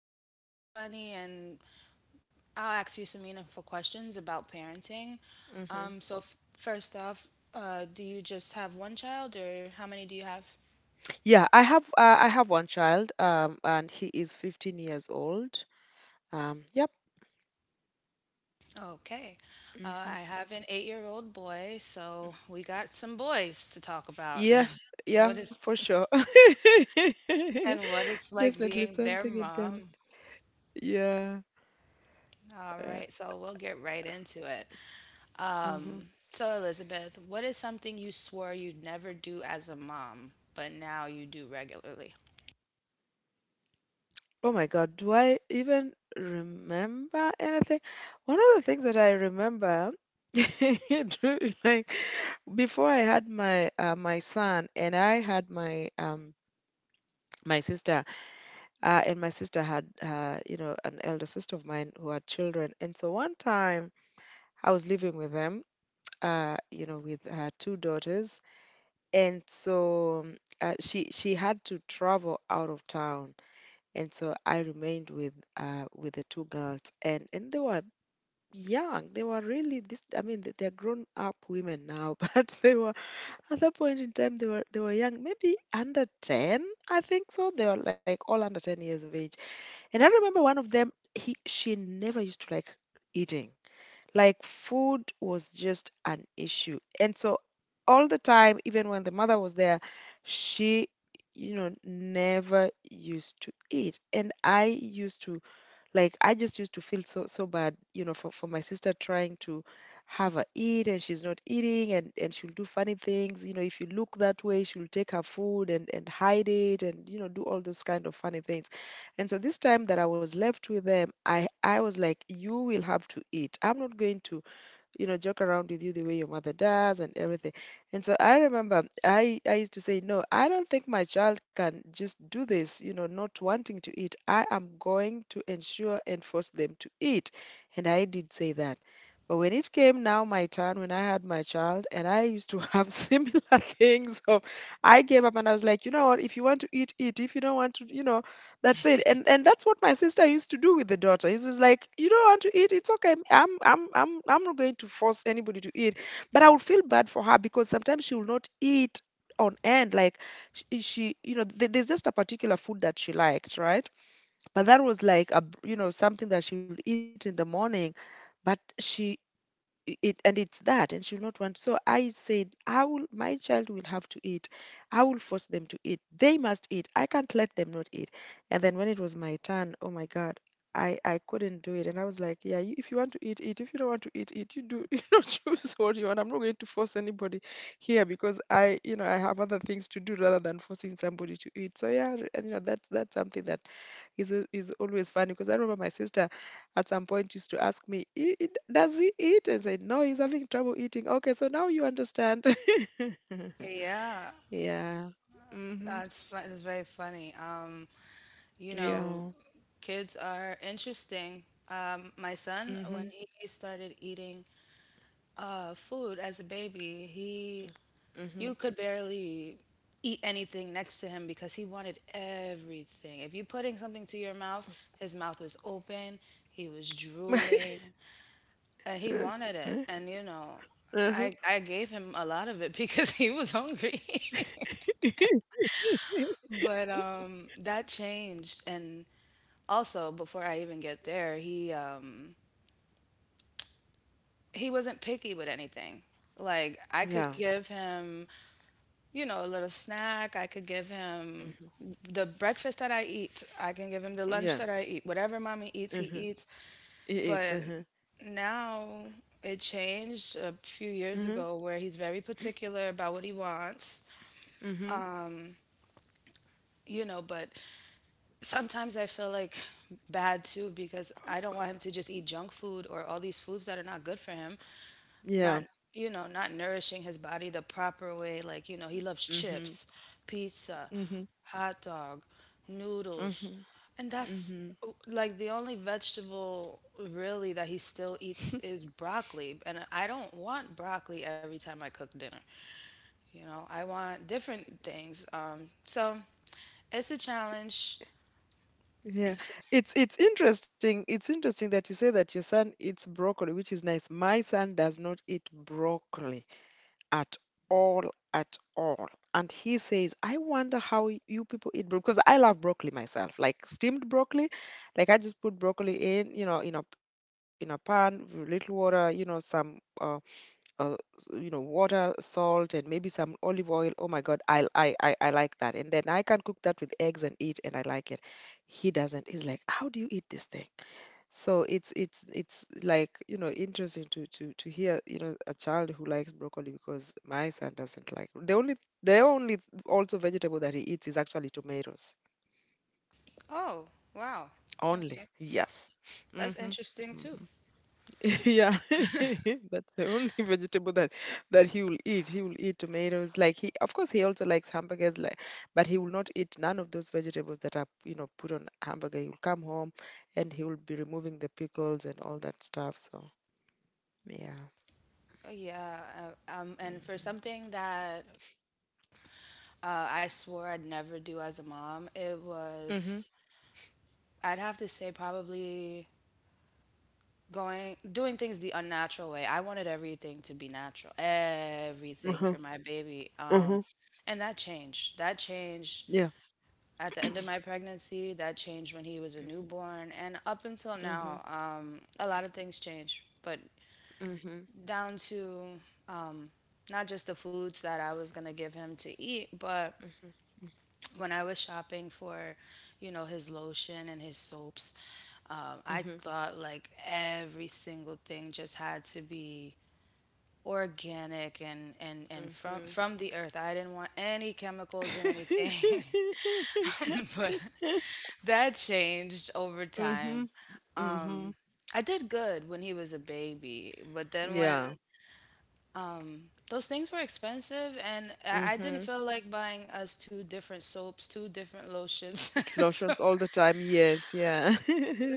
of light, funny, and I'll ask you some meaningful questions about parenting. First off, do you just have one child, or how many do you have? Okay. I have an 8-year old boy, so we got some boys to talk about and what is and what it's like being their mom. All right, so we'll get right into it. So Elizabeth, what is something you swore you'd never do as a mom, but now you do regularly? Yeah, that's fun. It's very funny. You know, Kids are interesting. My son, when he started eating food as a baby, he you could barely eat anything next to him because he wanted everything. If you putting something to your mouth, his mouth was open, he was drooling, and he wanted it. And you know, I gave him a lot of it because he was hungry. But that changed, and also before I even get there, he wasn't picky with anything. Like I could give him, you know, a little snack. I could give him the breakfast that I eat. I can give him the lunch that I eat. Whatever mommy eats, he eats. But now it changed a few years ago where he's very particular about what he wants. Um, but sometimes I feel like bad too because I don't want him to just eat junk food or all these foods that are not good for him. Not, you know, not nourishing his body the proper way. Like, you know, he loves chips, pizza, hot dog, noodles, and that's like the only vegetable really that he still eats is broccoli, and I don't want broccoli every time I cook dinner. You know, I want different things. So it's a challenge. Oh, wow. Okay, that's interesting too. Uh, yeah uh, and for something that I swore I'd never do as a mom. It was, I'd have to say, probably doing things the unnatural way. I wanted everything to be natural, everything for my baby. And that changed. That changed at the end of my pregnancy. That changed when he was a newborn. And up until now, a lot of things changed. But down to um, not just the foods that I was going to give him to eat, but when I was shopping for, you know, his lotion and his soaps, I thought like every single thing just had to be organic and from the earth. I didn't want any chemicals in anything, but that changed over time. I did good when he was a baby, but then when those things were expensive and I didn't feel like buying us two different soaps, two different lotions. So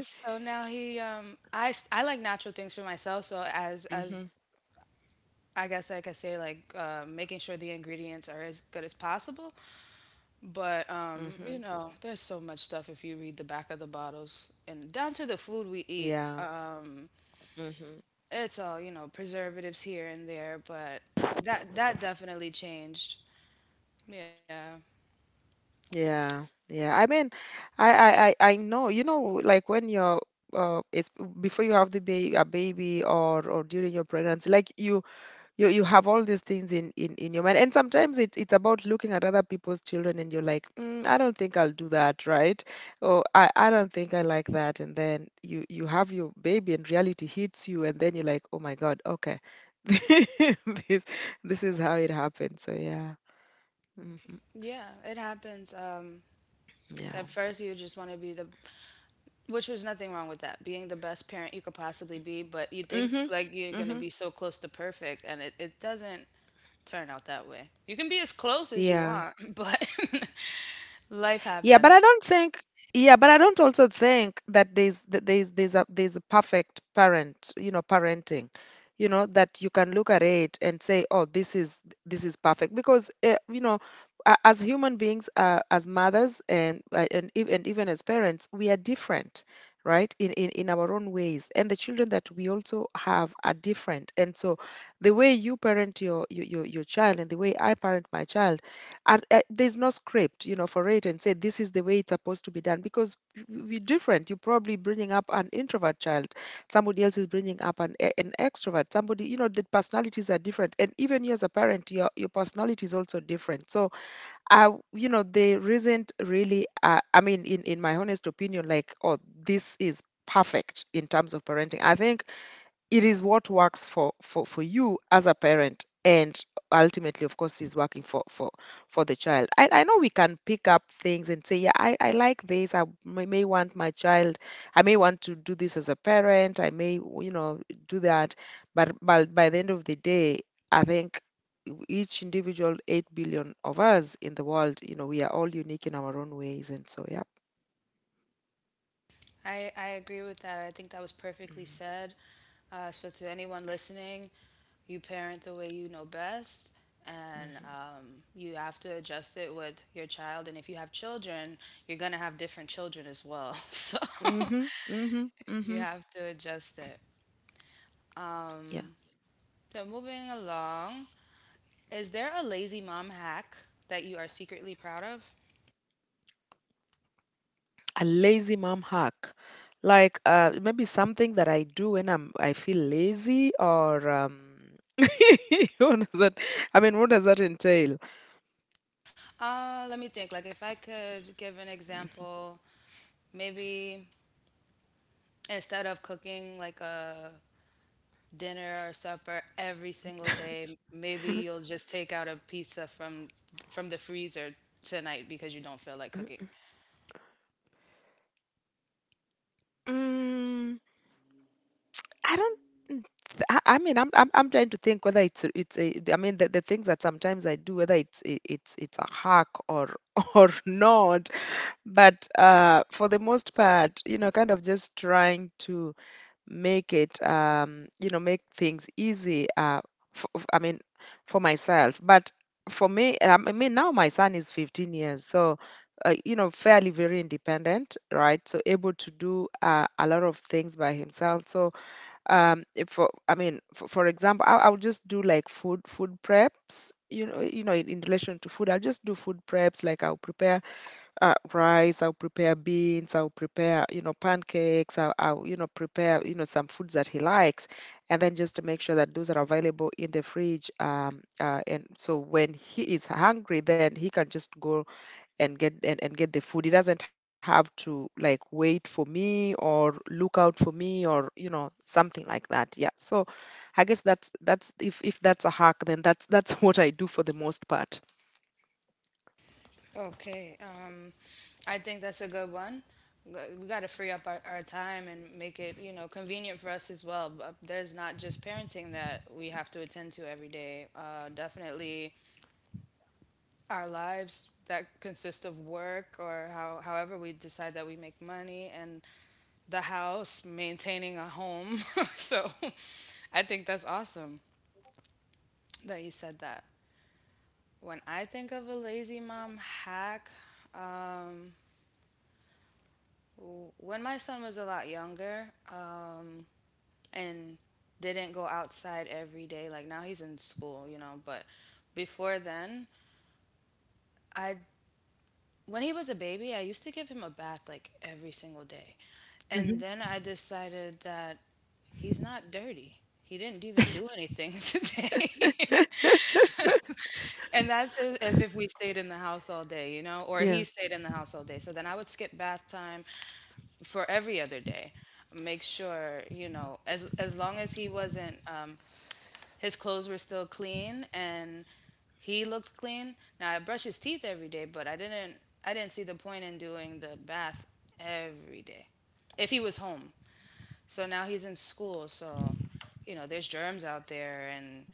So now I like natural things for myself. So as I guess I could say, like, making sure the ingredients are as good as possible. But you know, there's so much stuff if you read the back of the bottles, and down to the food we eat. It's all, you know, preservatives here and there, but that definitely changed. Yeah. Yeah, it happens. At first you just want to be the— which was nothing wrong with that, being the best parent you could possibly be, but you think like you're gonna be so close to perfect, and it doesn't turn out that way. You can be as close as you want, but life happens. I agree with that. I think that was perfectly said. To anyone listening, you parent the way you know best, and you have to adjust it with your child. And if you have children, you're going to have different children as well. So, you have to adjust it. Um, Moving along, is there a lazy mom hack that you are secretly proud of? Let me think. Like, if I could give an example, maybe instead of cooking like a dinner or supper every single day, maybe you'll just take out a pizza from the freezer tonight because you don't feel like cooking. Okay, I think that's a good one. We got to free up our time and make it, you know, convenient for us as well. But there's not just parenting that we have to attend to every day. Definitely our lives that consist of work, or how, however we decide that we make money, and the house, maintaining a home. so I think that's awesome that you said that. When I think of a lazy mom hack, um, when my son was a lot younger and didn't go outside every day, like now he's in school, you know, but before then, I when he was a baby, I used to give him a bath like every single day. And then I decided that he's not dirty. He didn't even do anything today. If we stayed in the house all day, you know, or he stayed in the house all day. So then I would skip bath time for every other day. Make sure, you know, as long as he wasn't his clothes were still clean and he looked clean. Now I brush his teeth every day, but I didn't see the point in doing the bath every day. If he was home. So now he's in school, so you know, there's germs out there and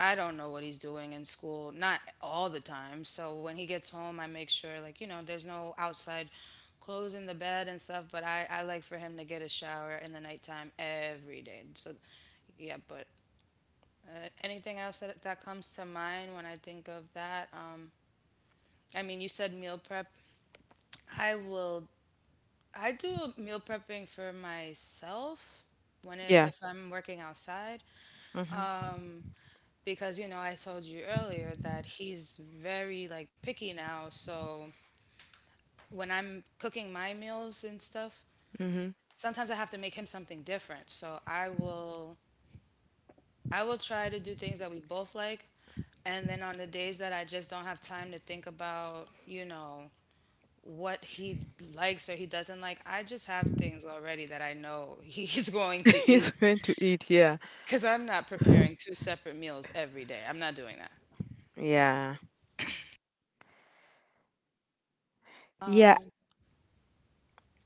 I don't know what he's doing in school, not all the time. So when he gets home, I make sure, like, you know, there's no outside clothes in the bed and stuff, but I like for him to get a shower in the nighttime every day. So, yeah, but anything else that comes to mind when I think of that? I mean, you said meal prep. I will, I do meal prepping for myself Yeah. if I'm working outside. Mhm. Because you know I told you earlier that he's very like picky now. So when I'm cooking my meals and stuff, Mhm. sometimes I have to make him something different. So I will try to do things that we both like, and then on the days that I just don't have time to think about, you know, what he likes or he doesn't like, I just have things already that I know he's going to It's eat, meant to eat. Yeah. cuz I'm not preparing two separate meals every day. I'm not doing that. Yeah. Yeah. Um,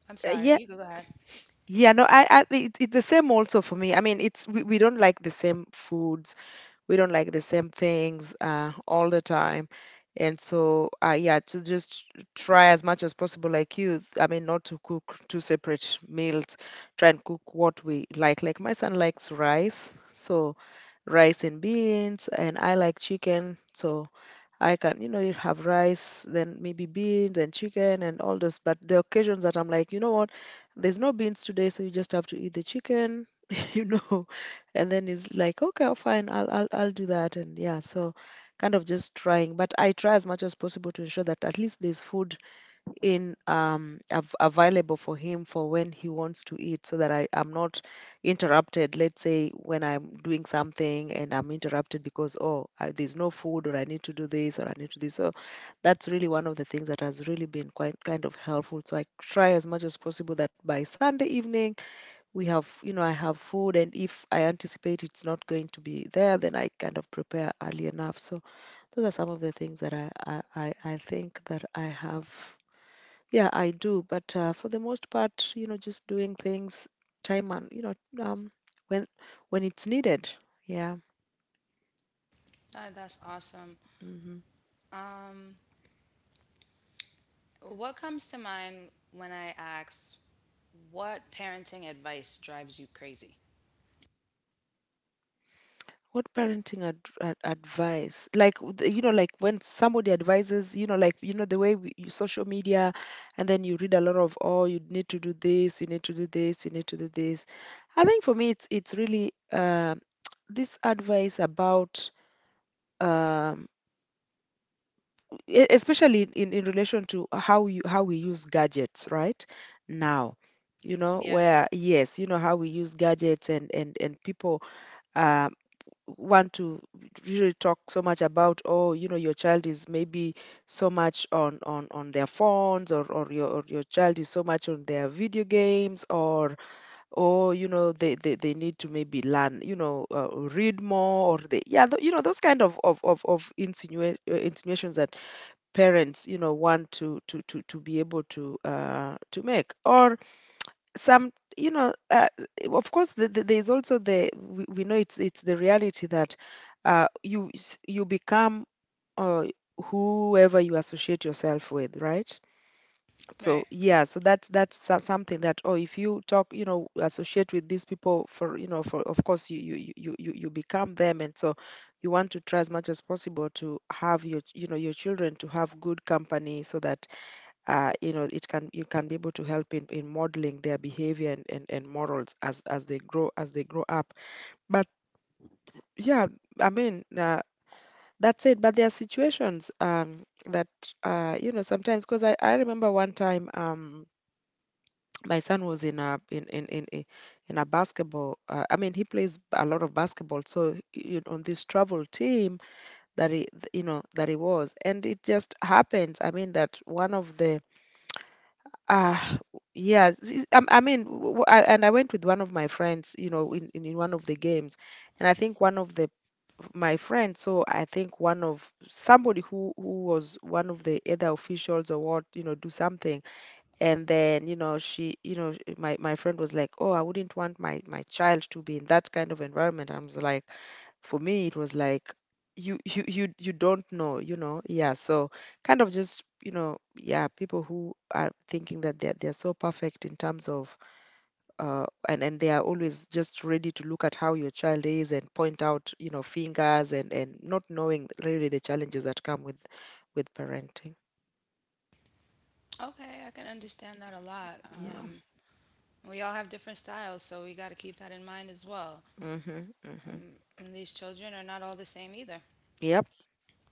I'm sorry. Yeah. You go ahead. Yeah. No. It's the same also for me. I mean, we don't like the same foods. We don't like the same things all the time. And so, yeah, to just try as much as possible, like you, I mean, not to cook two separate meals. Try and cook what we like. Like, my son likes rice, so rice and beans. And I like chicken, so I can, you know, you have rice, then maybe beans and chicken and all this. But the occasions that I'm like, you know what, there's no beans today, so you just have to eat the chicken, you know and then he's like, okay. Oh, fine. I'll do that. And yeah, so kind of just trying. But I try as much as possible to ensure that at least there's food in, available for him for when he wants to eat, so that I am not interrupted, let's say when I'm doing something and I'm interrupted because, oh, there's no food, or I need to do this, or I need to this, so that's really one of the things that has really been quite kind of helpful. So I try as much as possible that by Sunday evening we have you know I have food. And if I anticipate it's not going to be there, then I kind of prepare early enough. So those are some of the things that I think that I have. Yeah, I do. But for the most part, just doing things time and um, when when it's needed. Yeah. That's awesome. Hmm. Um, what comes to mind when I ask what parenting advice drives you crazy? What parenting advice? Like, you know, like when somebody advises, you know, like, you know, the way you, social media, and then you read a lot of, oh, you need to do this, you need to do this, you need to do this. I think for me, it's really this advice about, um, especially in relation to how you how we use gadgets right now, you know, Yeah, where yes, you know how we use gadgets and people uh, want to really talk so much about, oh, you know, your child is maybe so much on their phones, or your child is so much on their video games, or, oh, you know, they need to maybe learn, read more. Or they, yeah, you know, those kind of insinuations that parents, you know, want to be able to make. Or some, of course, there's also we know it's the reality that you become, uh, whoever you associate yourself with, right? right. So yeah, so something that, oh, if you talk, you know, associate with these people, for, you know, for, of course, you become them, and so you want to try as much as possible to have your your children to have good company, so that you know, it can you can be able to help in modeling their behavior and morals as they grow up. But yeah, I mean, that's it. But there are situations, that you know, sometimes, because I remember one time, my son was in a in a basketball, I mean, he plays a lot of basketball, so, you know, on this travel team that he, that he was. And it just happens, I mean, that one of the, ah, yes. I mean, and I went with one of my friends, you know, in one of the games, and I think one of the, my friends, so I think one of somebody who was one of the other officials or what, you know, do something. And then, you know, she, my friend was like, oh, I wouldn't want my child to be in that kind of environment. I was like, for me it was like, you don't know, you know. Yeah, so kind of just, you know, yeah, people who are thinking that they're so perfect in terms of, and they are always just ready to look at how your child is and point out, you know, fingers, and not knowing really the challenges that come with parenting. Okay, I can understand that a lot. Yeah. We all have different styles, so we got to keep that in mind as well. Mhm. Mhm. And these children are not all the same either. Yep.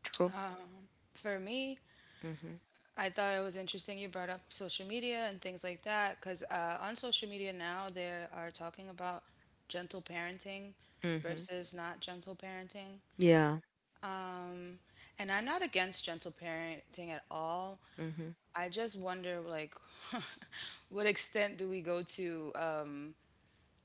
True. Um, for me, Mhm. I thought it was interesting you brought up social media and things like that, because on social media now they are talking about gentle parenting Mhm. versus not gentle parenting. Yeah. Um, and I'm not against gentle parenting at all. Mhm. I just wonder, like, what extent do we go to,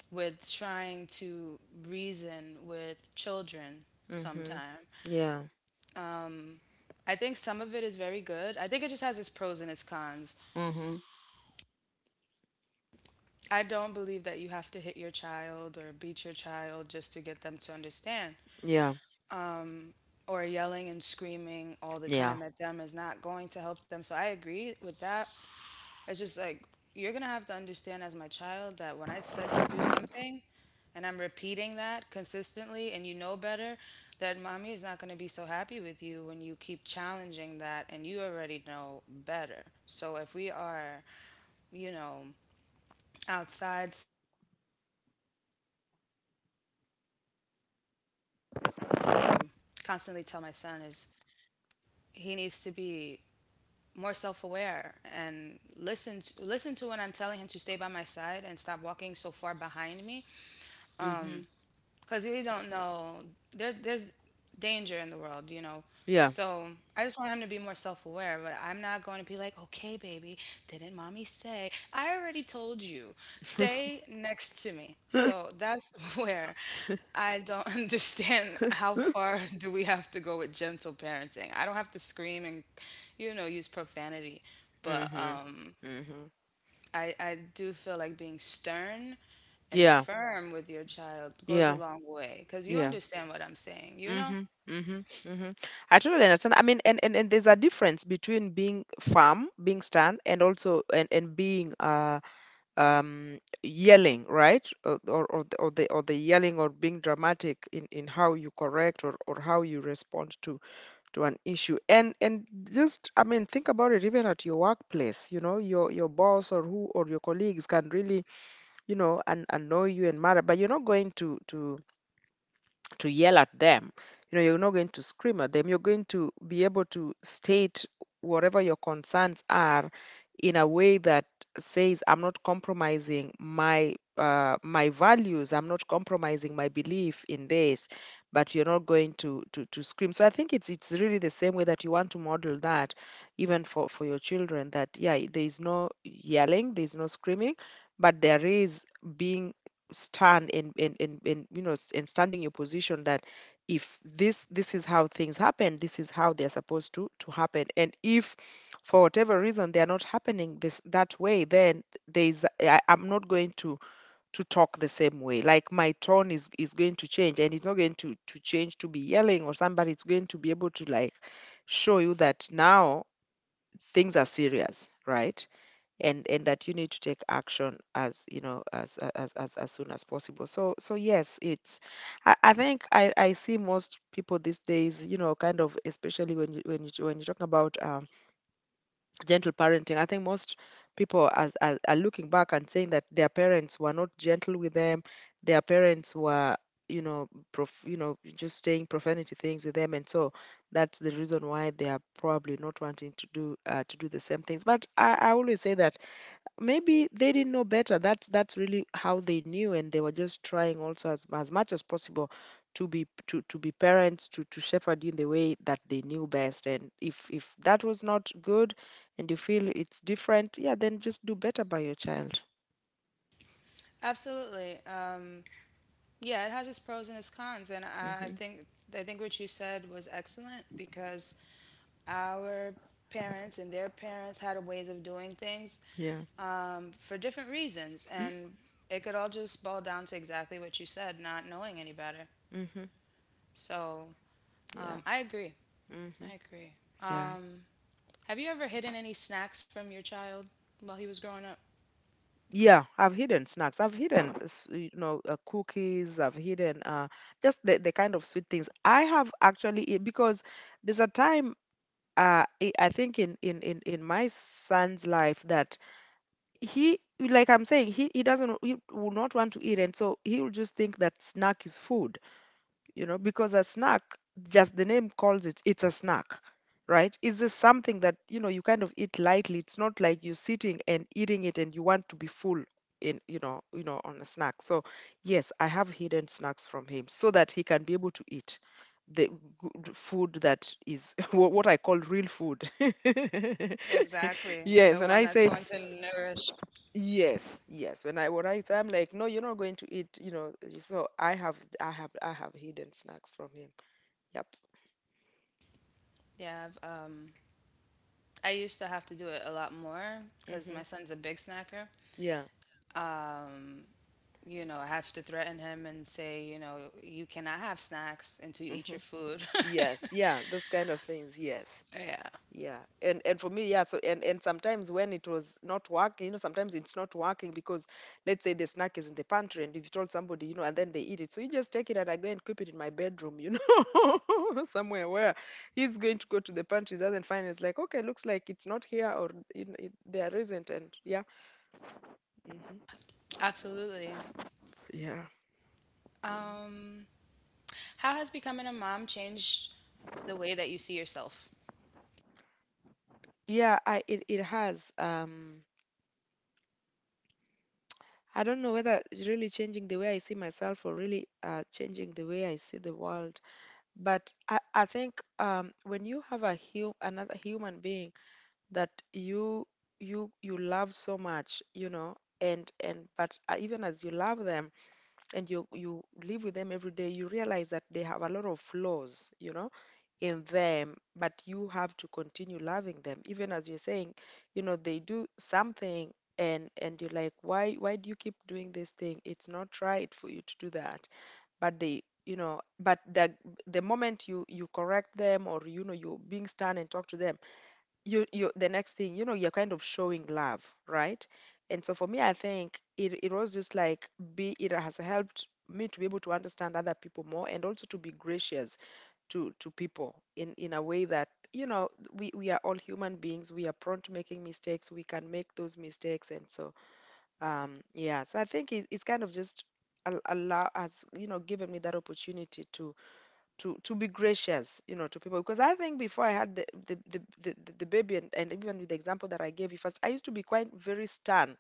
with trying to reason with children Mhm. sometime? Yeah. Um, I think some of it is very good. I think it just has its pros and its cons. Mhm. I don't believe that you have to hit your child or beat your child just to get them to understand. Yeah. Or yelling and screaming all the Yeah. time at them is not going to help them. So I agree with that. It's just like you're gonna have to understand as my child that when I said to do something and I'm repeating that consistently and you know better, that mommy is not gonna be so happy with you when you keep challenging that and you already know better. So if we are, you know, outside somewhere, one thing I have to, um, constantly tell my son is he needs to be more self-aware and listen to, listen to when I'm telling him to stay by my side and stop walking so far behind me, because you don't know there's danger in the world, you know. So Yeah. I just want him to be more self aware, but I'm not going to be like, okay, baby, didn't mommy say? I already told you, stay next to me. So that's where I don't understand how far do we have to go with gentle parenting. I don't have to scream and, you know, use profanity, but Mhm. um, Mhm. I do feel like being stern and Yeah. firm with your child goes a Yeah. long way because you Yeah. understand what I'm saying, you know? Mhm. Mhm. Mhm. I totally understand. I mean, and there's a difference between being firm, being stern, and also and being, yelling, right? Or the yelling, or being dramatic in how you correct, or how you respond to an issue. And just, I mean, think about it. Even at your workplace, you know, your boss, or your colleagues can really, you know, and annoy you and matter. But you're not going to yell at them. You know, you're not going to scream at them. You're going to be able to state whatever your concerns are in a way that says, I'm not compromising my values. I'm not compromising my belief in this. But you're not going to scream. So I think it's really the same way that you want to model that, even for your children. That, yeah, there is no yelling, there is no screaming, but there is being stand and you know s- and stand in your position, that if this is how things happen, this is how they're supposed to happen. And if for whatever reason they are not happening this that way, then there is, I'm not going to talk the same way. Like my tone is going to change, and it's not going to change, to be yelling or somebody. It's going to be able to, like, show you that now things are serious, right? And that you need to take action, as you know, as soon as possible. So yes, I think I see most people these days, you know, kind of, especially when you're talking about, gentle parenting. I think most people as are looking back and saying that their parents were not gentle with them. Their parents were, you know, just saying profanity things with them, and so that's the reason why they are probably not wanting to do the same things. But I always say that, maybe they didn't know better. That's really how they knew. And they were just trying, also, as much as possible, to be parents, to shepherd you in the way that they knew best. And if that was not good, and you feel it's different, yeah, then just do better by your child. Absolutely. Yeah, it has its pros and its cons, and I Hmm. think I think what you said was excellent because our parents and their parents had ways of doing things Yeah. For different reasons, and it could all just boil down to exactly what you said, not knowing any better. Hmm. So Yeah. I agree. Hmm. I agree. Yeah. Um, have you ever hidden any snacks from your child while he was growing up? Yeah, I've hidden snacks. I've hidden, cookies. I've hidden, just the kind of sweet things. I have actually, because there's a time, I think in my son's life, that he, like I'm saying, he will not want to eat, and so he will just think that snack is food, because a snack, just the name calls it, it's a snack, right? Is this something that, you know, you kind of eat lightly? It's not like you're sitting and eating it and you want to be full in, you know, on a snack. So yes, I have hidden snacks from him so that he can be able to eat the good food that is what I call real food. Exactly, the Yes, when one I that's say, going to nourish. yes, yes, when I say, I'm like, no, you're not going to eat, you know. So I have hidden snacks from him. Yep. Yeah, I've I used to have to do it a lot more because my Hmm. son's a big snacker. Yeah. Um, you know, I have to threaten him and say, you know, you cannot have snacks until you eat Hmm. your food. Yes. Yeah. Those kind of things. Yes. yeah, Yeah. And for me, yeah. So and sometimes when it was not working, sometimes it's not working because let's say the snack is in the pantry, and if you told somebody, you know, and then they eat it, so you just take it and I go and keep it in my bedroom, you know, somewhere where he's going to go to the pantry, he doesn't find it. It's like, okay, looks like it's not here or you know, there isn't, and yeah. Hmm. absolutely. Yeah. Mm. Um, how has becoming a mom changed the way that you see yourself? Yeah. I it it has. I don't know whether it's really changing the way I see myself or really changing the way I see the world. But I think when you have another human being that you love so much, you know, and but even as you love them, and you live with them every day, you realize that they have a lot of flaws, you know, in them, but you have to continue loving them. Even as you're saying, you know, they do something and you're like, why do you keep doing this thing? It's not right for you to do that. But the moment you correct them or you know you being stern and talk to them, you the next thing you know you're kind of showing love, right? And so for me I think it was just like be it has helped me to be able to understand other people more and also to be gracious to people in a way that you know we are all human beings. We are prone to making mistakes. We can make those mistakes, and so yeah, so I think it's kind of just al- allow has you know given me that opportunity to be gracious, you know, to people, because I think before I had the baby, and even with the example that I gave you first, I used to be quite very stern,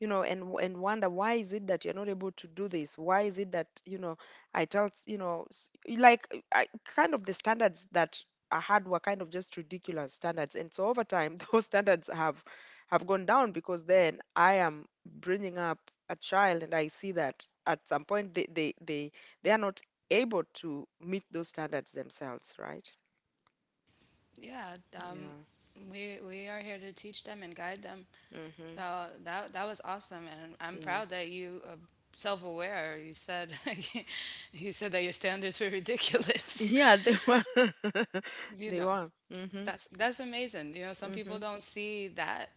you know. And wonder, why is it that you're not able to do this? Why is it that you know I tell s- you know s- like I, kind of the standards that I had were kind of just ridiculous standards. And so over time those standards have gone down because then I am bringing up a child and I see that at some point they are not able to meet those standards themselves, right? Yeah, Yeah. we are here to teach them and guide them. Mhm. So that that was awesome, and I'm Yeah. proud that you are self-aware. You said you said that your standards were ridiculous. Yeah. They were. You They know, were. Mhm. That's amazing, you know, some people Mhm. don't see that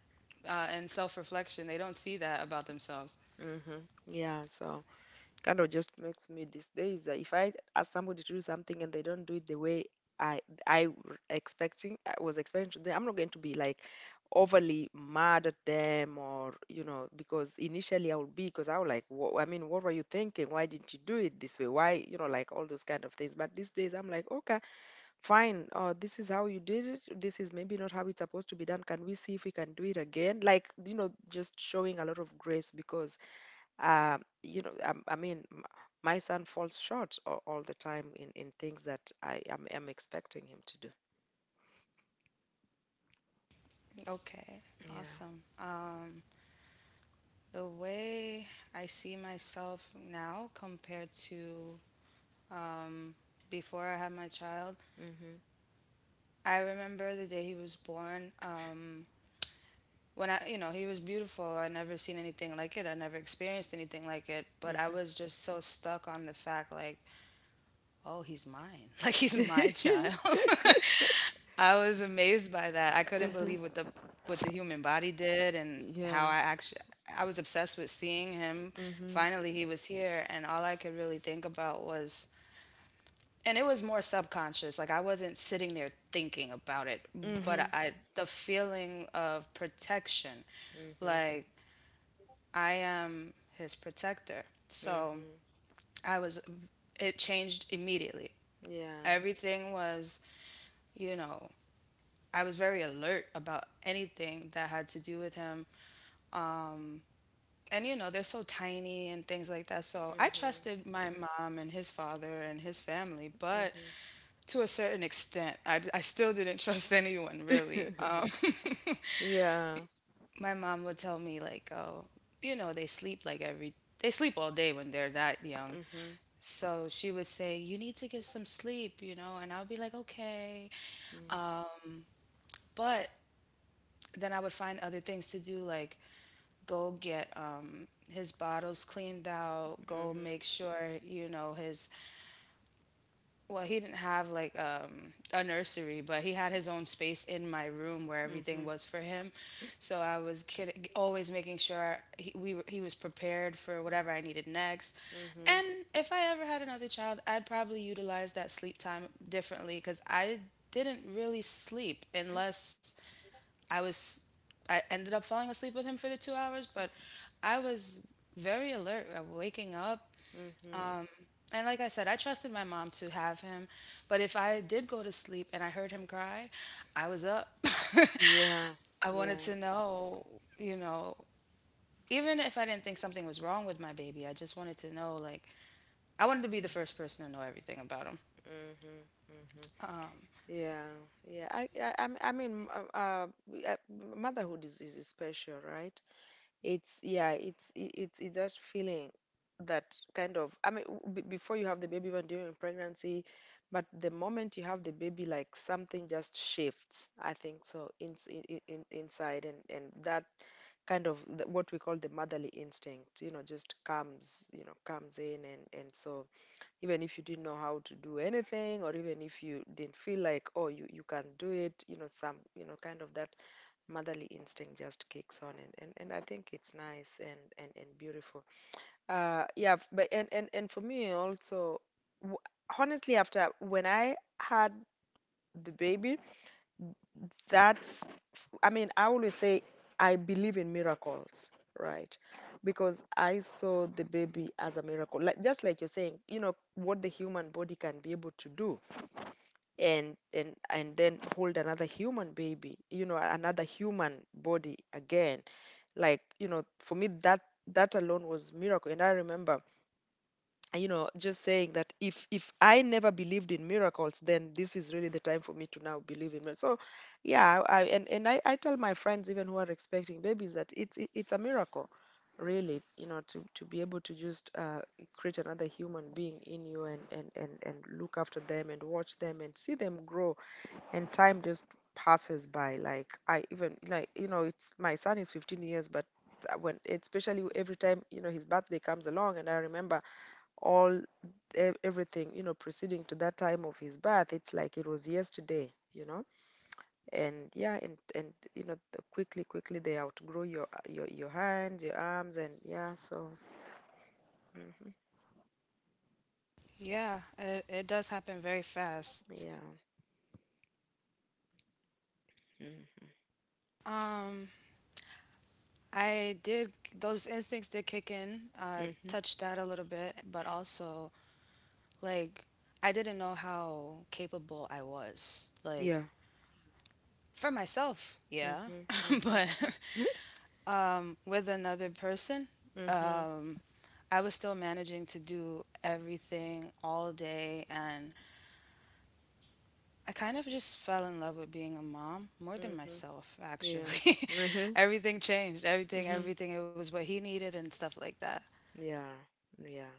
in self-reflection they don't see that about themselves. Mm-hmm. Yeah, so kind of just makes me, these days, that if I ask somebody to do something and they don't do it the way I I w- expecting I was expecting to do, I'm not going to be like overly mad at them or you know. Because initially I would be, because I was like, "Wha- I mean, what were you thinking? Why didn't you do it this way? Why?" you know, like all those kind of things. But these days I'm like, okay, fine. This is how you did it. This is maybe not how it's supposed to be done. Can we see if we can do it again? Like, you know, just showing a lot of grace because uh, you know, I mean, my son falls short all the time in things that I am expecting him to do. Okay, awesome. Yeah. The way I see myself now compared to um, before I had my child. Mhm. I remember the day he was born. When I, you know, he was beautiful, I never seen anything like it, I never experienced anything like it, but I was just so stuck on the fact like, oh, he's mine, like he's my Mhm. child. I was amazed by that. I couldn't Mhm. believe what the human body did and how Yeah. I actually I was obsessed with seeing him. Mhm. Finally, he was here and all I could really think about was and it was more subconscious. Like I wasn't sitting there thinking about it, but Mhm. I the feeling of protection. Mhm. Like I am his protector. So, Mhm. I was it changed immediately. Yeah. Everything was, you know, I was very alert about anything that had to do with him. And you know, they're so tiny and things like that. So I Mhm. trusted my mom and his father and his family, but Mhm. to a certain extent, I still didn't trust anyone really. Yeah. My mom would tell me, like, oh, you know, they sleep all day when they're that young. Mhm. So she would say, you need to get some sleep, you know? And I would be like, okay. Mm. But then I would find other things to do, like go get his bottles cleaned out, go Mhm. make sure, you know, well, he didn't have like a nursery, but he had his own space in my room where everything Mhm. was for him. So I was always making sure he was prepared for whatever I needed next. Mhm. And if I ever had another child, I'd probably utilize that sleep time differently because I didn't really sleep unless I was I ended up falling asleep with him for the 2 hours, but I was very alert waking up. Mhm. Um, and like I said, I trusted my mom to have him, but if I did go to sleep and I heard him cry, I was up. Yeah. I wanted Yeah. to know, you know, even if I didn't think something was wrong with my baby, I just wanted to know, like, I wanted to be the first person to know everything about him. Mhm. Mhm. Yeah, yeah. I mean, uh, uh, we- uh, motherhood is special, right? It's yeah, it's that feeling that I mean, before you have the baby, even during pregnancy, but the moment you have the baby, like something just shifts. I think so. In inside, and that kind of what we call the motherly instinct, you know, just comes, you know, comes in. And so even if you didn't know how to do anything, or even if you didn't feel like, oh, you can do it, you know, some you know, kind of that motherly instinct just kicks on. And and I think it's nice and and beautiful. Yeah but and for me also, w- honestly, after when I had the baby, that's I mean, I always say I believe in miracles, right? Because I saw the baby as a miracle, like, just like you're saying, you know, what the human body can be able to do and then hold another human baby, you know, another human body again. Like, you know, for me, that alone was miracle. And I remember, you know, just saying that if I never believed in miracles, then this is really the time for me to now believe in miracles. So yeah. I and I tell my friends even who are expecting babies that it's a miracle, really, you know, to be able to just create another human being in you, and look after them, and watch them, and see them grow. And time just passes by. Like, I even, like, you know, it's my son is 15 years. But when, especially every time, you know, his birthday comes along, and I remember all everything, you know, preceding to that time of his birth, it's like it was yesterday, you know. And yeah. And you know quickly, quickly, they outgrow your hands, your arms, and yeah, so. Hmm. Yeah, it does happen very fast. Yeah. Mm-hmm. Um, I did, those instincts did kick in. Mm-hmm. Touched that a little bit, but also, like, I didn't know how capable I was. Like, Yeah. for myself, Hmm. yeah. But Hmm. With another person, Hmm. um, I was still managing to do everything all day. And I kind of just fell in love with being a mom more than Hmm. myself, Yeah. actually. Everything changed. Everything, Hmm. everything. It was what he needed and stuff like that. Yeah, yeah,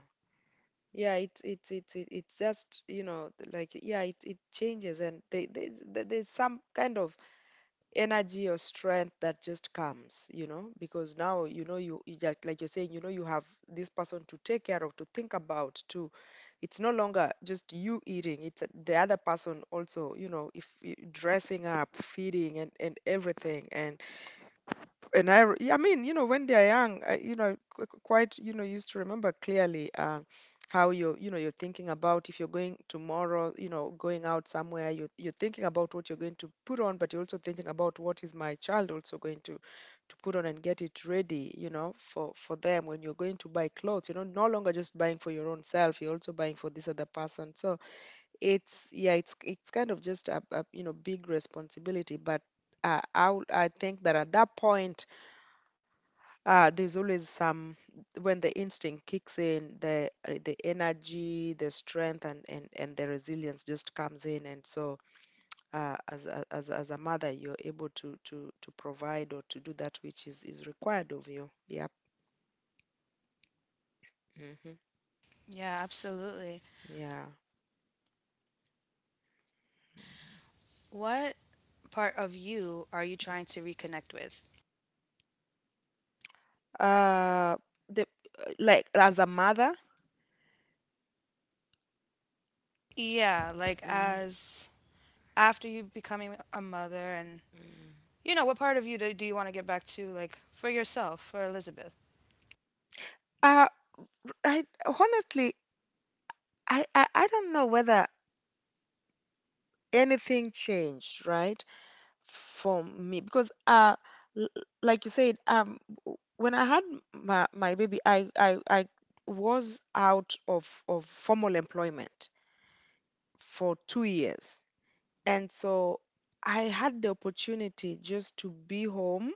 yeah. It's just, you know, like, yeah, it changes. And they there's some kind of energy or strength that just comes, you know, because now, you know, you just like you're saying, you know, you have this person to take care of, to think about, to. It's no longer just you eating; it's the other person also, you know, if y- dressing up, feeding, and everything. And yeah, I mean, you know, when they're young, you know, quite, you know, used to remember clearly how you're, you know, you're thinking about if you're going tomorrow, you know, going out somewhere, you're thinking about what you're going to put on, but you're also thinking about what is my child also going to put on, and get it ready, you know, for them. When you're going to buy clothes, you know, no longer just buying for your own self, you're also buying for this other person. So yeah, it's kind of just a you know big responsibility. But I think that at that point, there's always some when the instinct kicks in, the energy, the strength, and the resilience just comes in. And so, as a mother, you're able to provide or to do that which is required of you. Yep. Yeah, Hmm. absolutely. Yeah. What part of you are you trying to reconnect with? Uh, the like as a mother. Yeah, like Mm, as after you becoming a mother and mm. you know, what part of you do, do you want to get back to like for yourself, for Elizabeth? Uh, I honestly, I don't know whether anything changed, right? For me, because l- like you said, when I had my baby, I was out of formal employment for 2 years. And so I had the opportunity just to be home,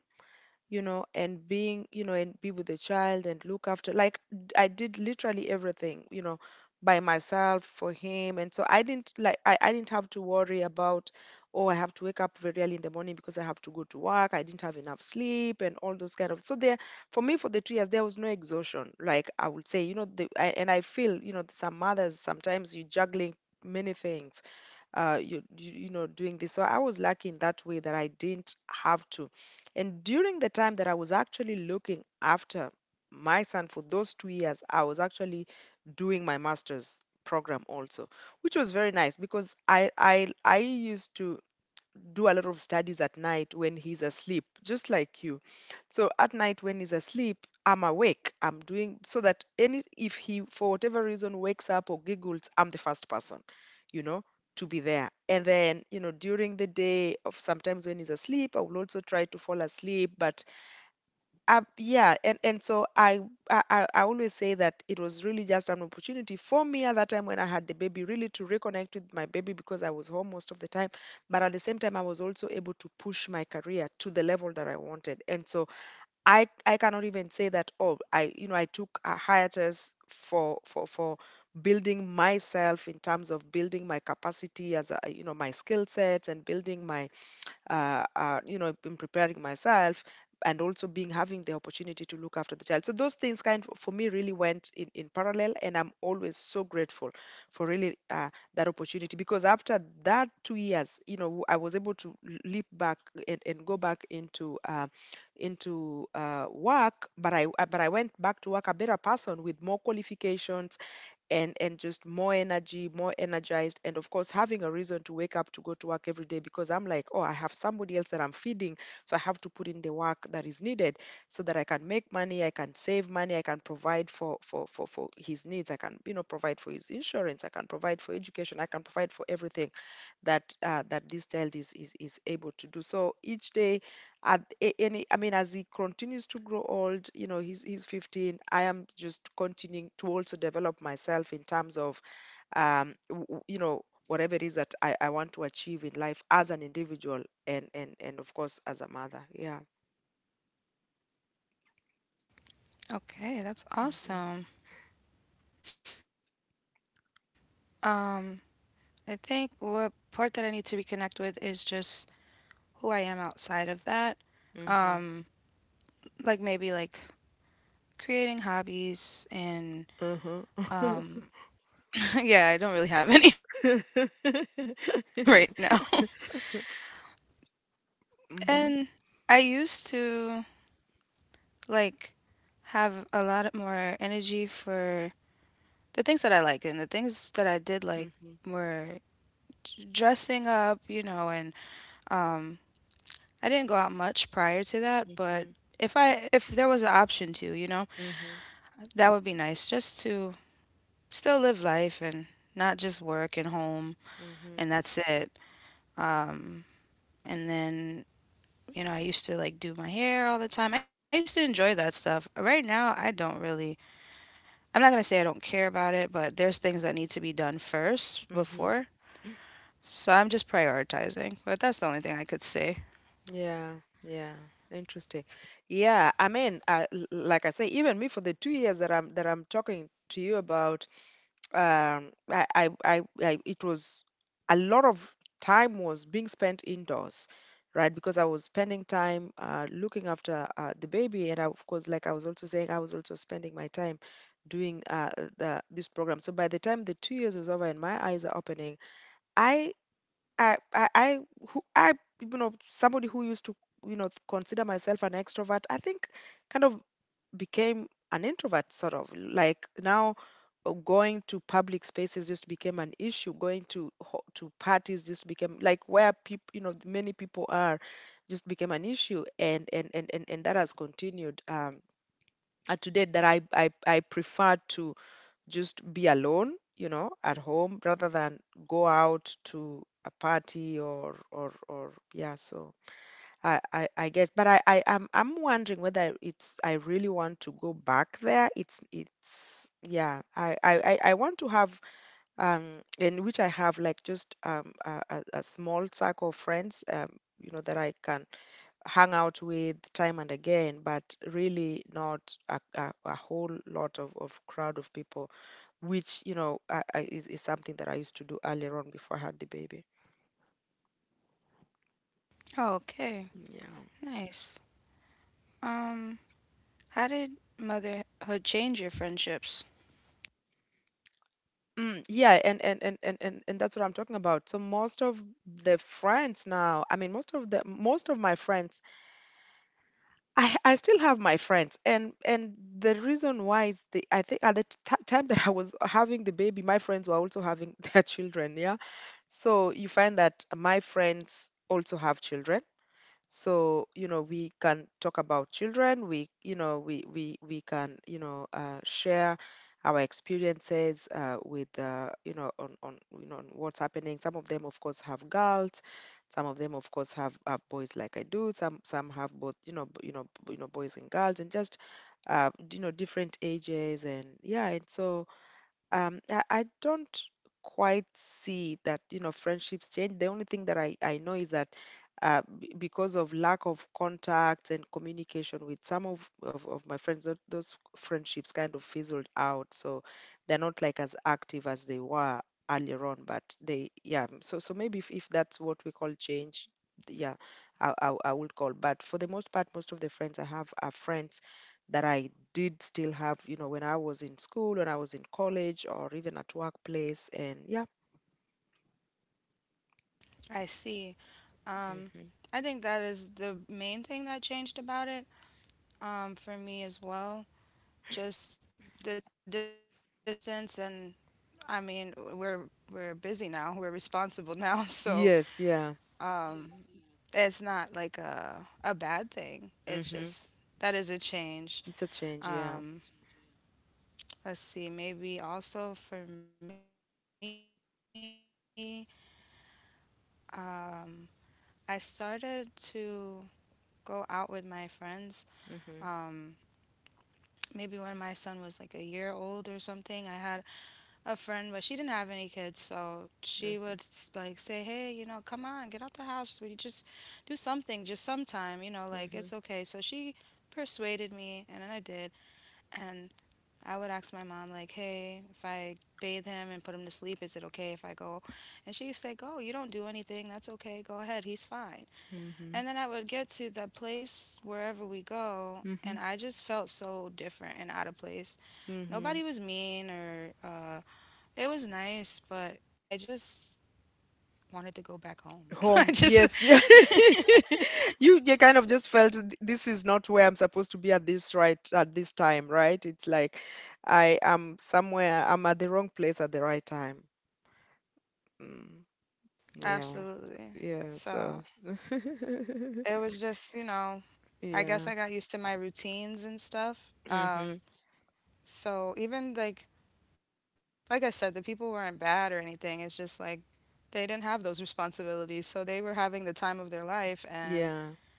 you know, and being, you know, and be with the child and look after. Like I did literally everything, you know, by myself for him. And so I didn't like I didn't have to worry about, oh, I have to wake up very early in the morning because I have to go to work. I didn't have enough sleep and all those kind of. So there, for me, for the 2 years, there was no exhaustion. Like I would say, you know, and I feel, you know, some mothers sometimes you're juggling many things, you you know, doing this. So I was lucky in that way that I didn't have to. And during the time that I was actually looking after my son for those 2 years, I was actually doing my master's program also, which was very nice because I used to do a lot of studies at night when he's asleep, just like you. So at night when he's asleep, I'm awake. I'm doing, so that any if he for whatever reason wakes up or giggles, I'm the first person, you know, to be there. And then, you know, during the day of, sometimes when he's asleep, I will also try to fall asleep. But yeah, and so I always say that it was really just an opportunity for me at that time when I had the baby, really to reconnect with my baby because I was home most of the time. But at the same time, I was also able to push my career to the level that I wanted. And so I cannot even say that oh I you know I took a hiatus for building myself in terms of building my capacity as a you know my skill sets and building my in preparing myself, and also being having the opportunity to look after the child. So those things kind of, for me, really went in parallel, and I'm always so grateful for really that opportunity, because after that 2 years, you know, I was able to leap back and go back into work. But I went back to work a better person, with more qualifications and just more energy, more energized, and of course having a reason to wake up to go to work every day, because I'm like, oh, I have somebody else that I'm feeding, so I have to put in the work that is needed so that I can make money, I can save money, I can provide for his needs, I can, you know, provide for his insurance, I can provide for education, I can provide for everything that that this child is able to do. So each day at a- any I mean as he continues to grow old, you know, he's 15. I am just continuing to also develop myself in terms of um w- w- you know whatever it is that I want to achieve in life as an individual, and of course as a mother. Yeah. Okay, that's awesome. Hmm. Um, I think what part that I need to reconnect with is just who I am outside of that. Um, Hmm. like maybe like creating hobbies and um Uh-huh. yeah, I don't really have any right now. Hmm. Hmm. And I used to like have a lot more energy for the things that I liked, and the things that I did like were Hmm. Dressing up, you know, and um, I didn't go out much prior to that, but Hmm. If there was an option to, you know, Hmm. that would be nice just to still live life and not just work and home and that's it. Um, and then you know, I used to like do my hair all the time. I used to enjoy that stuff. Right now, I don't really, I'm not going to say I don't care about it, but there's things that need to be done first Hmm. before. So I'm just prioritizing, but that's the only thing I could say. Yeah, yeah, interesting. Yeah, I mean, like I say, even me, for the 2 years that I'm talking to you about, it was a lot of time was being spent indoors, right? Because I was spending time looking after the baby, and I, of course, like I was also saying, I was also spending my time doing the this program. So by the time the 2 years was over and my eyes are opening, I I I I I you know, somebody who used to, you know, consider myself an extrovert, I think kind of became an introvert, sort of, like now going to public spaces just became an issue, going to parties just became like, where people, you know, many people are, just became an issue. And that has continued, to date, that I prefer to just be alone, you know, at home rather than go out to a party or yeah. So I guess, but I'm wondering whether it's — I really want to go back there. It's yeah, I want to have, um, in which I have like just a small circle of friends, um, you know, that I can hang out with time and again, but really not a whole lot of crowd of people, which, you know, is something that I used to do earlier on, before I had the baby. Oh, okay. Yeah. Nice. Um, how did motherhood change your friendships? Mm, yeah, and that's what I'm talking about. So most of the friends now, I mean, most of my friends, I still have my friends, and the reason why is, the I think at the t time that I was having the baby, my friends were also having their children, yeah. So you find that my friends also have children, so, you know, we can talk about children, we, you know, we can, you know, share our experiences, with, you know, on you know, on what's happening. Some of them, of course, have girls, some of them, of course, have boys, like I do, some have both, you know, boys and girls, and just you know, different ages. And yeah, and so I don't quite see that, you know, friendships change. The only thing that I know is that because of lack of contact and communication with some of my friends, those friendships kind of fizzled out. So they're not like as active as they were earlier on, but they, yeah. So, so maybe if that's what we call change, yeah, I would call. But for the most part, most of the friends I have are friends that I did still have, you know, when I was in school, when I was in college, or even at workplace. And yeah. I see. Um, Mhm. I think that is the main thing that changed about it. For me as well, just the distance and I mean, we're busy now. We're responsible now, so Yes, yeah. um, it's not like a bad thing. It's just Mhm. that is a change. It's a change. Um, Yeah. let's see. Maybe also for me, um, I started to go out with my friends. Um, Mhm. Maybe when my son was like a year old or something. I had a friend, but she didn't have any kids, so she would like say, "Hey, Mhm. you know, come on, get out the house. We just do something, just sometime, you know, like it's okay." So she Mhm. persuaded me, and then I did. And I would ask my mom, like, "Hey, if I bathe him and put him to sleep, is it okay if I go?" And she would say, "Go. You don't do anything. That's okay. Go ahead. He's fine." And Mhm. then I would get to the place wherever we go, and I just felt so different and out of place. Nobody Mhm. was mean or it was nice, but I just wanted to go back home. I Home. just Yes, yeah. You kind of just felt, This is not where I'm supposed to be at this, right, at this time, right?" It's like, I am somewhere. I'm at the wrong place at the right time. Mm, yeah, absolutely. yeah. So So it was just you know, I guess yeah. I got used to my routines and stuff. Mm-hmm. So even like I said, the people weren't bad or anything. It's just like they didn't have those responsibilities, so they were having the time of their life Yeah. and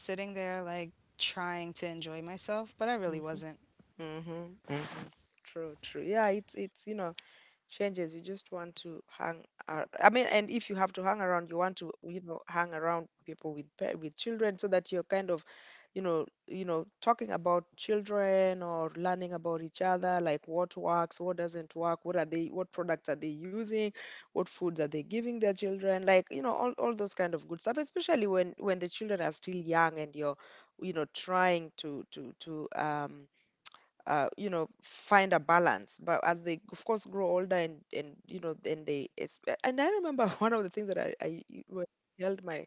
I was just sitting there, like, trying to enjoy myself, Mm-hmm. but I really wasn't. Mm-hmm. Mm-hmm. True, true. Yeah, it's you know, changes. You just want to hang. I mean, and if you have to hang around, you want to, you know, hang around people with with children, so that you're kind of, you know, talking about children or learning about each other, like what works, what doesn't work, what are they, what products are they using, what foods are they giving their children, like, you know, all those kind of good stuff, especially when the children are still young and you're, you know, trying to you know, find a balance. But as they, of course, grow older and you know, and they it's — and I remember one of the things that I — when I held my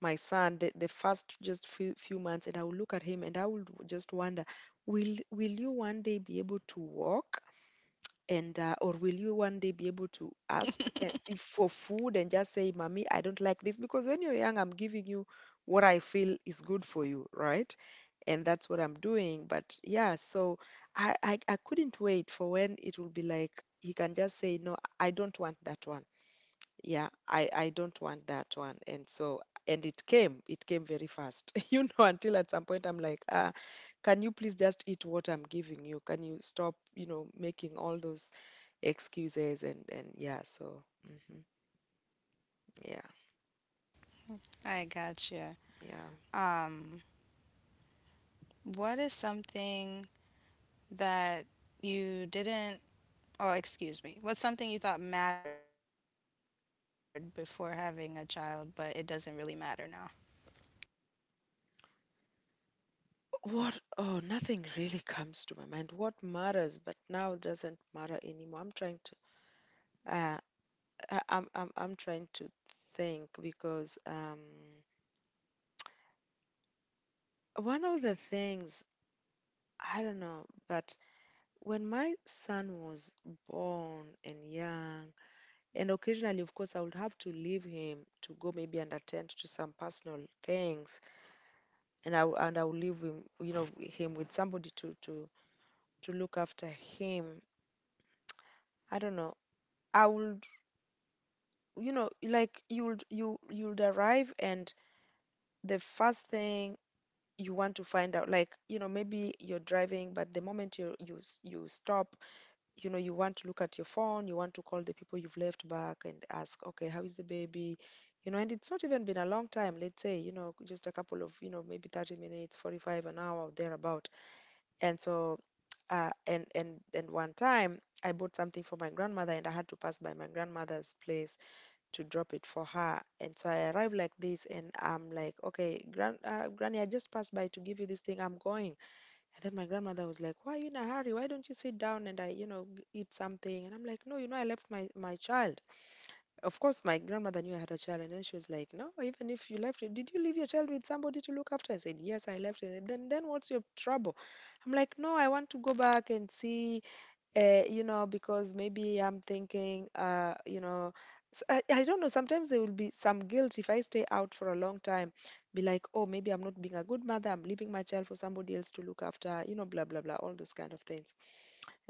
my son the first just few months, and I would look at him and I would just wonder, will you one day be able to walk? And or will you one day be able to ask if, for food, and just say mommy, I don't like this, because when you're young, I'm giving you what I feel is good for you, right? And that's what I'm doing. But yeah, so I couldn't wait for when it will be like he can just say, no, I don't want that one. Yeah, I don't want that one. And so, and it came, it came very fast you know, until at some point, I'm like, ah, can you please just eat what I'm giving you? Can you stop, you know, making all those excuses? And yeah, so hmm, yeah, I gotcha. yeah. Um, what is something that you didn't, oh, excuse me, what's something you thought mattered before having a child, but it doesn't really matter now? What? Oh, nothing really comes to my mind. What matters, but now doesn't matter anymore. I'm trying to, uh, I'm trying to think because one of the things — I don't know, but when my son was born and young, and occasionally, of course, I would have to leave him to go maybe and attend to some personal things, and I would leave him, you know, him with somebody to to look after him. I don't know. I would, you know, like you would, you would arrive, and the first thing you want to find out, like, you know, maybe you're driving, but the moment you stop, you know, you want to look at your phone, you want to call the people you've left back and ask, okay, how is the baby? You know, and it's not even been a long time, let's say, you know, just a couple of, you know, maybe 30 minutes, 45, an hour or thereabout. And so and one time I bought something for my grandmother, and I had to pass by my grandmother's place to drop it for her. And so I arrived like this, and I'm like, okay, granny, I just passed by to give you this thing, I'm going. And then my grandmother was like, why are you in a hurry? Why don't you sit down and I, you know, eat something? And I'm like, no, you know, I left my, my child. Of course, my grandmother knew I had a child. And then she was like, no, even if you left it, did you leave your child with somebody to look after? I said, yes, I left it. Then what's your trouble? I'm like, no, I want to go back and see. You know, because maybe I'm thinking, you know, I don't know. Sometimes there will be some guilt if I stay out for a long time, be like, oh, maybe I'm not being a good mother. I'm leaving my child for somebody else to look after, blah, blah, blah, all those kind of things.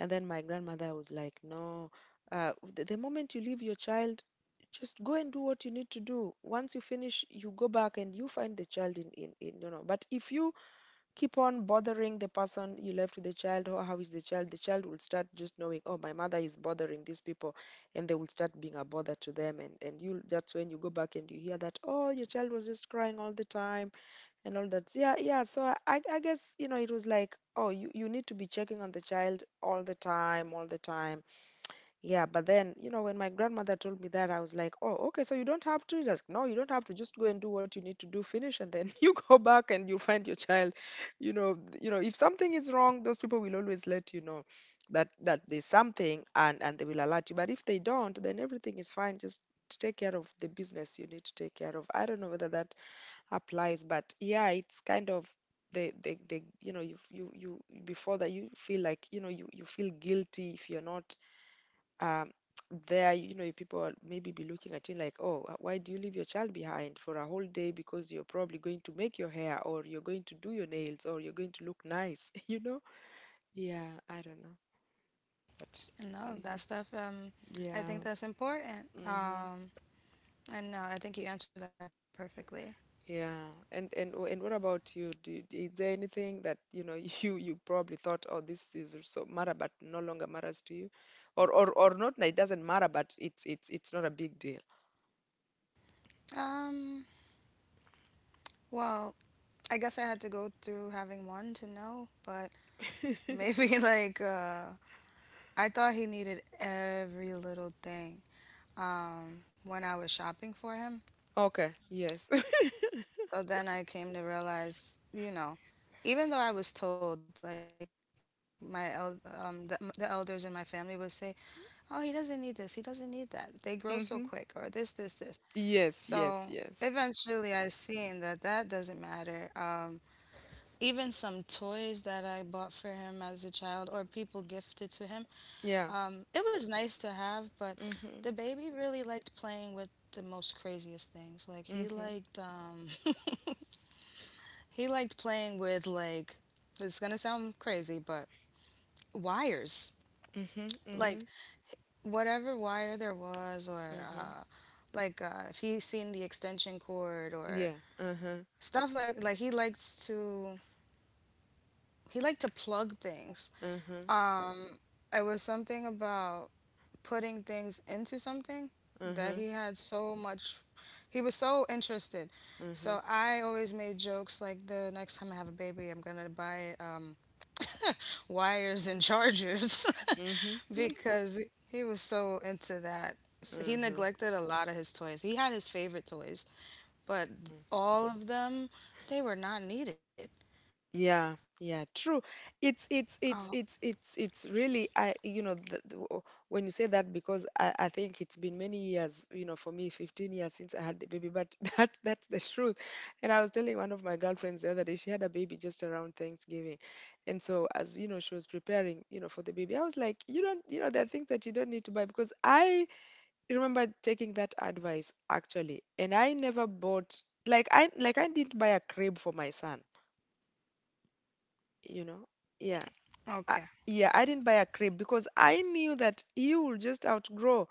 And then my grandmother was like, no, the moment you leave your child, just go and do what you need to do. Once you finish, you go back and you find the child in. But if you keep on bothering the person you left with the child, or how is the child, the child will start just knowing, oh, my mother is bothering these people, and they will start being a bother to them. And you, that's when you go back and you hear that, oh, your child was just crying all the time and all that. Yeah, yeah, so I guess, it was like, oh, you need to be checking on the child all the time, all the time. Yeah, but then, when my grandmother told me that, I was like, oh, okay, so you don't have to just, no, you don't have to just go and do what you need to do, finish, and then you go back and you find your child. If something is wrong, those people will always let you know. That there's something, and they will alert you. But if they don't, then everything is fine. Just take care of the business you need to take care of. I don't know whether that applies, but yeah, it's kind of they you know you you you before that, you feel like, you, feel guilty if you're not um, there. People will maybe be looking at you like, oh, why do you leave your child behind for a whole day? Because you're probably going to make your hair, or you're going to do your nails, or you're going to look nice, you know? Yeah, I don't know, but No, that mhm, stuff, I think yeah, that's important. hmm. And no, I think you answered that perfectly. Yeah. And and what about you? Is there anything that you probably thought, oh, this is so matter, but no longer matters to you, or not? That It doesn't matter, but it's not a big deal. Um, well, I guess I had to go through having one to know, but maybe like I thought he needed every little thing when I was shopping for him. Okay. Yes. So then I came to realize, you know, even though I was told, like the elders in my family would say, "Oh, he doesn't need this. He doesn't need that. They grow so quick," or this, this, Hmm. this. So Yes, yes, eventually, I yes. seen that that doesn't matter. Even some toys that I bought for him as a child, or people gifted to him, Yeah. It was nice to have, but the Mm-hmm. baby really liked playing with the most craziest things. Like he Mm-hmm. liked he liked playing with like it's gonna sound crazy, but wires. Mm-hmm. Like Mm-hmm. whatever wire there was, or Mm-hmm. Like if he seen the extension cord or Yeah. Uh-huh. stuff like he likes to he liked to plug things. Uh-huh. Um, it was something about putting things into something that he Uh-huh. had so much he was so interested, Uh-huh. so I always made jokes like the next time I have a baby I'm gonna buy it wires and chargers. Mm-hmm. Because he was so into that. He Mm-hmm. neglected a lot of his toys, he had his favorite toys, but all of them they were not needed. Yeah, Oh, yeah, true. It's really, I, when you say that, because I think it's been many years, for me, 15 years since I had the baby, but that, that's the truth. And I was telling one of my girlfriends the other day, she had a baby just around Thanksgiving. And so, as you know, she was preparing, you know, for the baby. I was like, you don't, you know, there are things that you don't need to buy, because I remember taking that advice actually, and I never bought, like I didn't buy a crib for my son, you know. Yeah. okay, I, yeah, I didn't buy a crib because I knew that he will just outgrow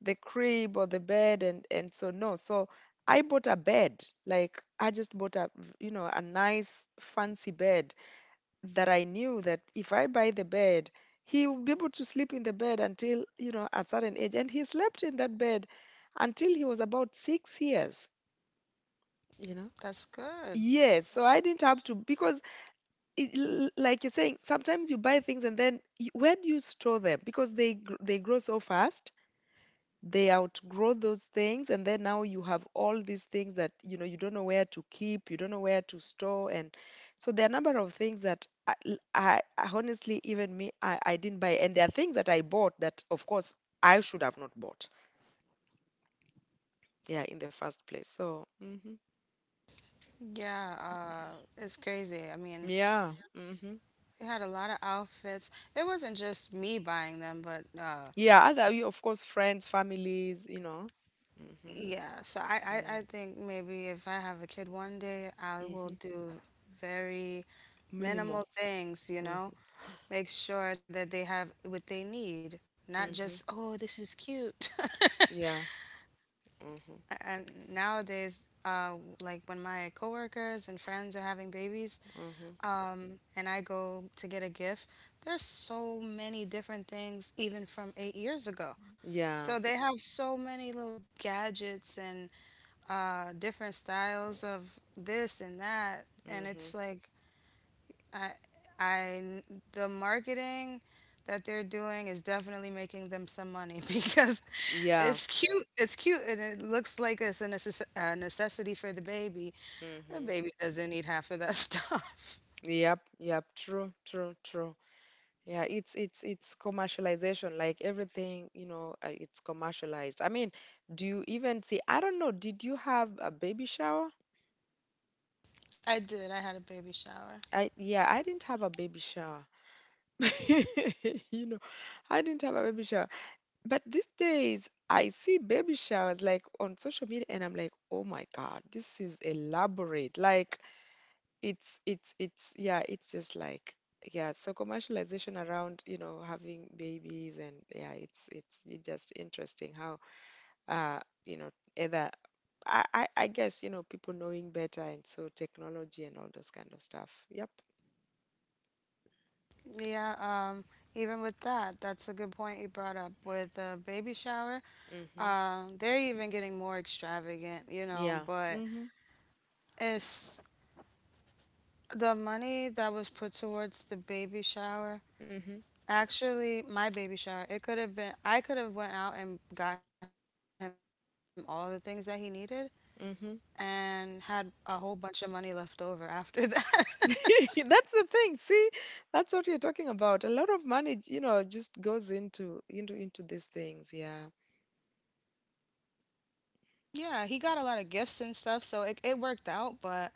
the crib or the bed, and so, no. So I bought a bed. Like, I just bought a you know, a nice fancy bed that I knew that if I buy the bed, he will be able to sleep in the bed until, you know, a certain age. And he slept in that bed until he was about 6 years. You know. that's good. Yes, so I didn't have to, because like you're saying, sometimes you buy things, and then you, where do you store them? Because they they grow so fast, they outgrow those things, and then now you have all these things that, you know, you don't know where to keep, you don't know where to store, and so there are a number of things that I, l- I- honestly, even me, I didn't buy, and there are things that I bought that, of course, I should have not bought. Yeah, in the first place. So. Hmm. Yeah, it's crazy, I mean, Yeah. Hmm. they had a lot of outfits. It wasn't just me buying them, but Yeah. Other, of course, friends, families, you know. Hmm. yeah. So I, I think maybe if I have a kid one day, I Mhm. will do very Minimal. minimal things, you Mhm. know, make sure that they have what they need, not just, Mhm. oh, this is cute. Yeah. Mhm. And nowadays, like when my coworkers and friends are having babies, Mhm. And I go to get a gift, there's so many different things, even from 8 years ago. Yeah. So they have so many little gadgets and different styles of this and that, and Mhm. it's like I, I, the marketing that they're doing is definitely making them some money because Yeah. It's cute, and it looks like it's a a necessity for the baby. The Mhm. baby doesn't need half of that stuff. Yep. Yep. True. True. True. Yeah. It's commercialization. Like everything, you know, it's commercialized. I mean, do you even see? I don't know. Did you have a baby shower? I did. I had a baby shower. I, yeah. I didn't have a baby shower. You know, I didn't have a baby shower. But these days, I see baby showers like on social media, and I'm like, oh my God, this is elaborate. Like, it's yeah, it's just like, yeah. So commercialization around, you know, having babies, and yeah, it's just interesting how uh you know, either I guess, you know, people knowing better, and so technology and all those kind of stuff. Yep. Yeah, even with that, that's a good point you brought up with the baby shower. Mm-hmm. They're even getting more extravagant, you know, Yeah. but Mm-hmm. it's the money that was put towards the baby shower. Mm-hmm. Actually, my baby shower, it could have been I could have went out and got him all the things that he needed Mm-hmm. and had a whole bunch of money left over after that. That's the thing. See, that's what you're talking about. A lot of money, you know, just goes into these things. Yeah. Yeah, he got a lot of gifts and stuff, so it worked out, but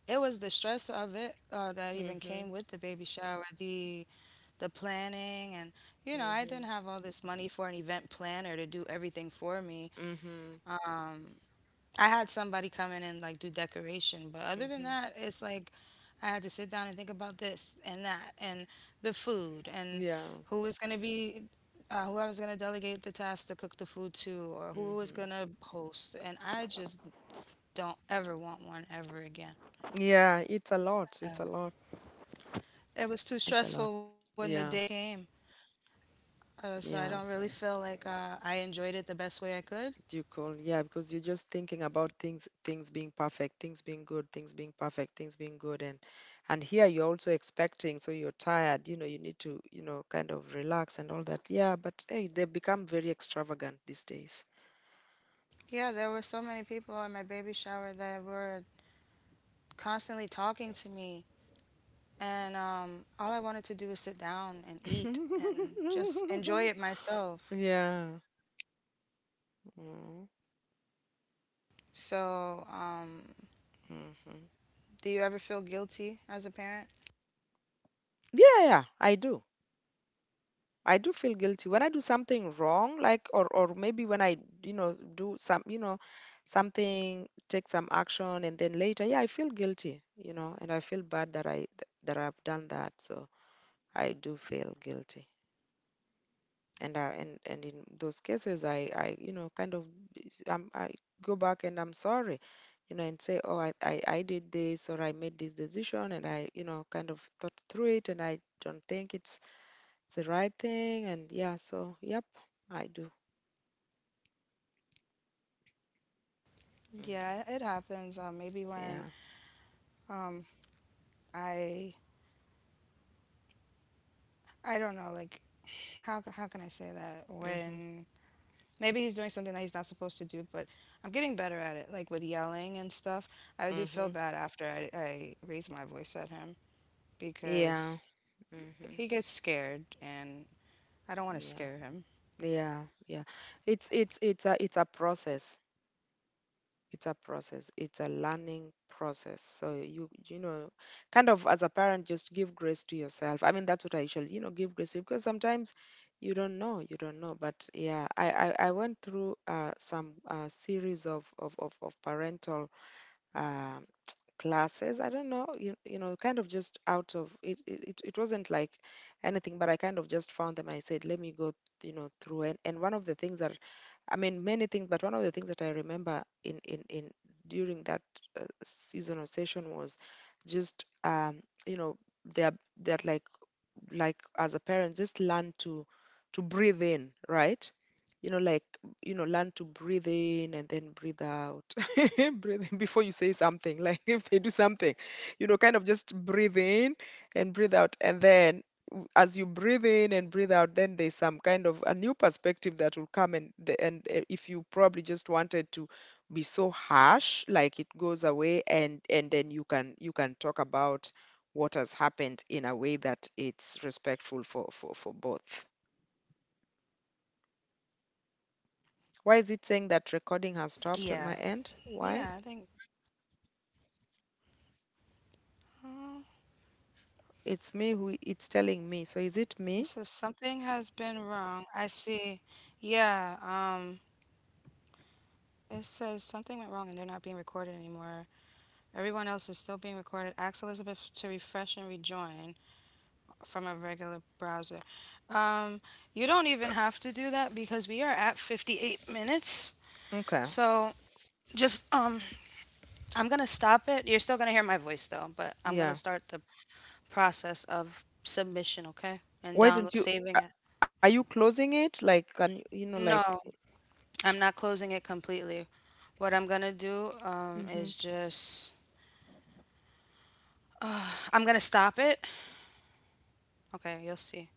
it was the stress of it that even came Mm-hmm. with the baby shower. The planning and you know I Mm-hmm. didn't have all this money for an event planner to do everything for me. Mm-hmm. I had somebody come in and like do decoration, but other than Mm-hmm. that, it's like I had to sit down and think about this and that and the food and Yeah. who was going to be who I was going to delegate the task to cook the food to, or who was Mm-hmm. going to host, and I just don't ever want one ever again. Yeah, it's a lot. It's a lot. It was too It's a lot. stressful when the day Yeah. came. So I don't Yeah. really feel like I enjoyed it the best way I could. Do you call? Yeah, because you're just thinking about things, things being perfect, things being good, things being perfect, things being good, and here you're also expecting, so you're tired. You know, you need to, you know, kind of relax and all that. Yeah, but hey, they become very extravagant these days. Yeah, there were so many people at my baby shower that were constantly talking to me. And all I wanted to do was sit down and eat and just enjoy it myself. Yeah. Mm-hmm. So, Mm-hmm. do you ever feel guilty as a parent? Yeah, yeah, I do. I do feel guilty when I do something wrong, like, or maybe when I, you know, do some, you know, something, take some action, and then later, yeah, I feel guilty, you know, and I feel bad that I've done that. So I do feel guilty, and I and in those cases, I you know, kind of, I go back and I'm sorry, you know, and say, oh, I did this, or I made this decision, and I, you know, kind of thought through it, and I don't think it's the right thing. And yeah, so yep, I do. Yeah, it Mhm. happens. Maybe when Yeah. um, I, I don't know, like, how can I say that? Mhm. When maybe he's doing something that he's not supposed to do. But I'm getting better at it, like with yelling and stuff. Mhm. I do feel bad after I raise my voice at him Yeah. Mhm. because he gets scared, and Yeah. I don't want to Yeah. scare him. Yeah. It's a process. It's a process. It's a learning process. So you know, kind of as a parent, just give grace to yourself. I mean, that's what I usually, you know, give grace to, because sometimes you don't know, you don't know. But yeah, I went through some series of parental um classes. I don't know, you know, kind of just out of it. It wasn't like anything, but I kind of just found them. I said, let me go, you know, through. And one of the things that, I mean, many things, but one of the things that I remember in during that season or session was just you know, they're like as a parent, just learn to breathe in, right, you know, like, you know, learn to breathe in and then breathe out. Breathe in before you say something. Like, if they do something, you know, kind of just breathe in. Yeah, yeah, I think uh, it says something has been wrong. I see. Yeah, it says something went wrong and they're not being recorded anymore. Everyone else is still being recorded. Ask Elizabeth to refresh and rejoin from a regular browser. Um, you don't even have to do that because we are at 58 minutes. So just I'm gonna stop it. You're still gonna hear my voice though, but I'm gonna start the process of submission, okay? And download saving it. No, I'm not closing it completely. What I'm gonna do is just I'm gonna stop it. Okay, you'll see.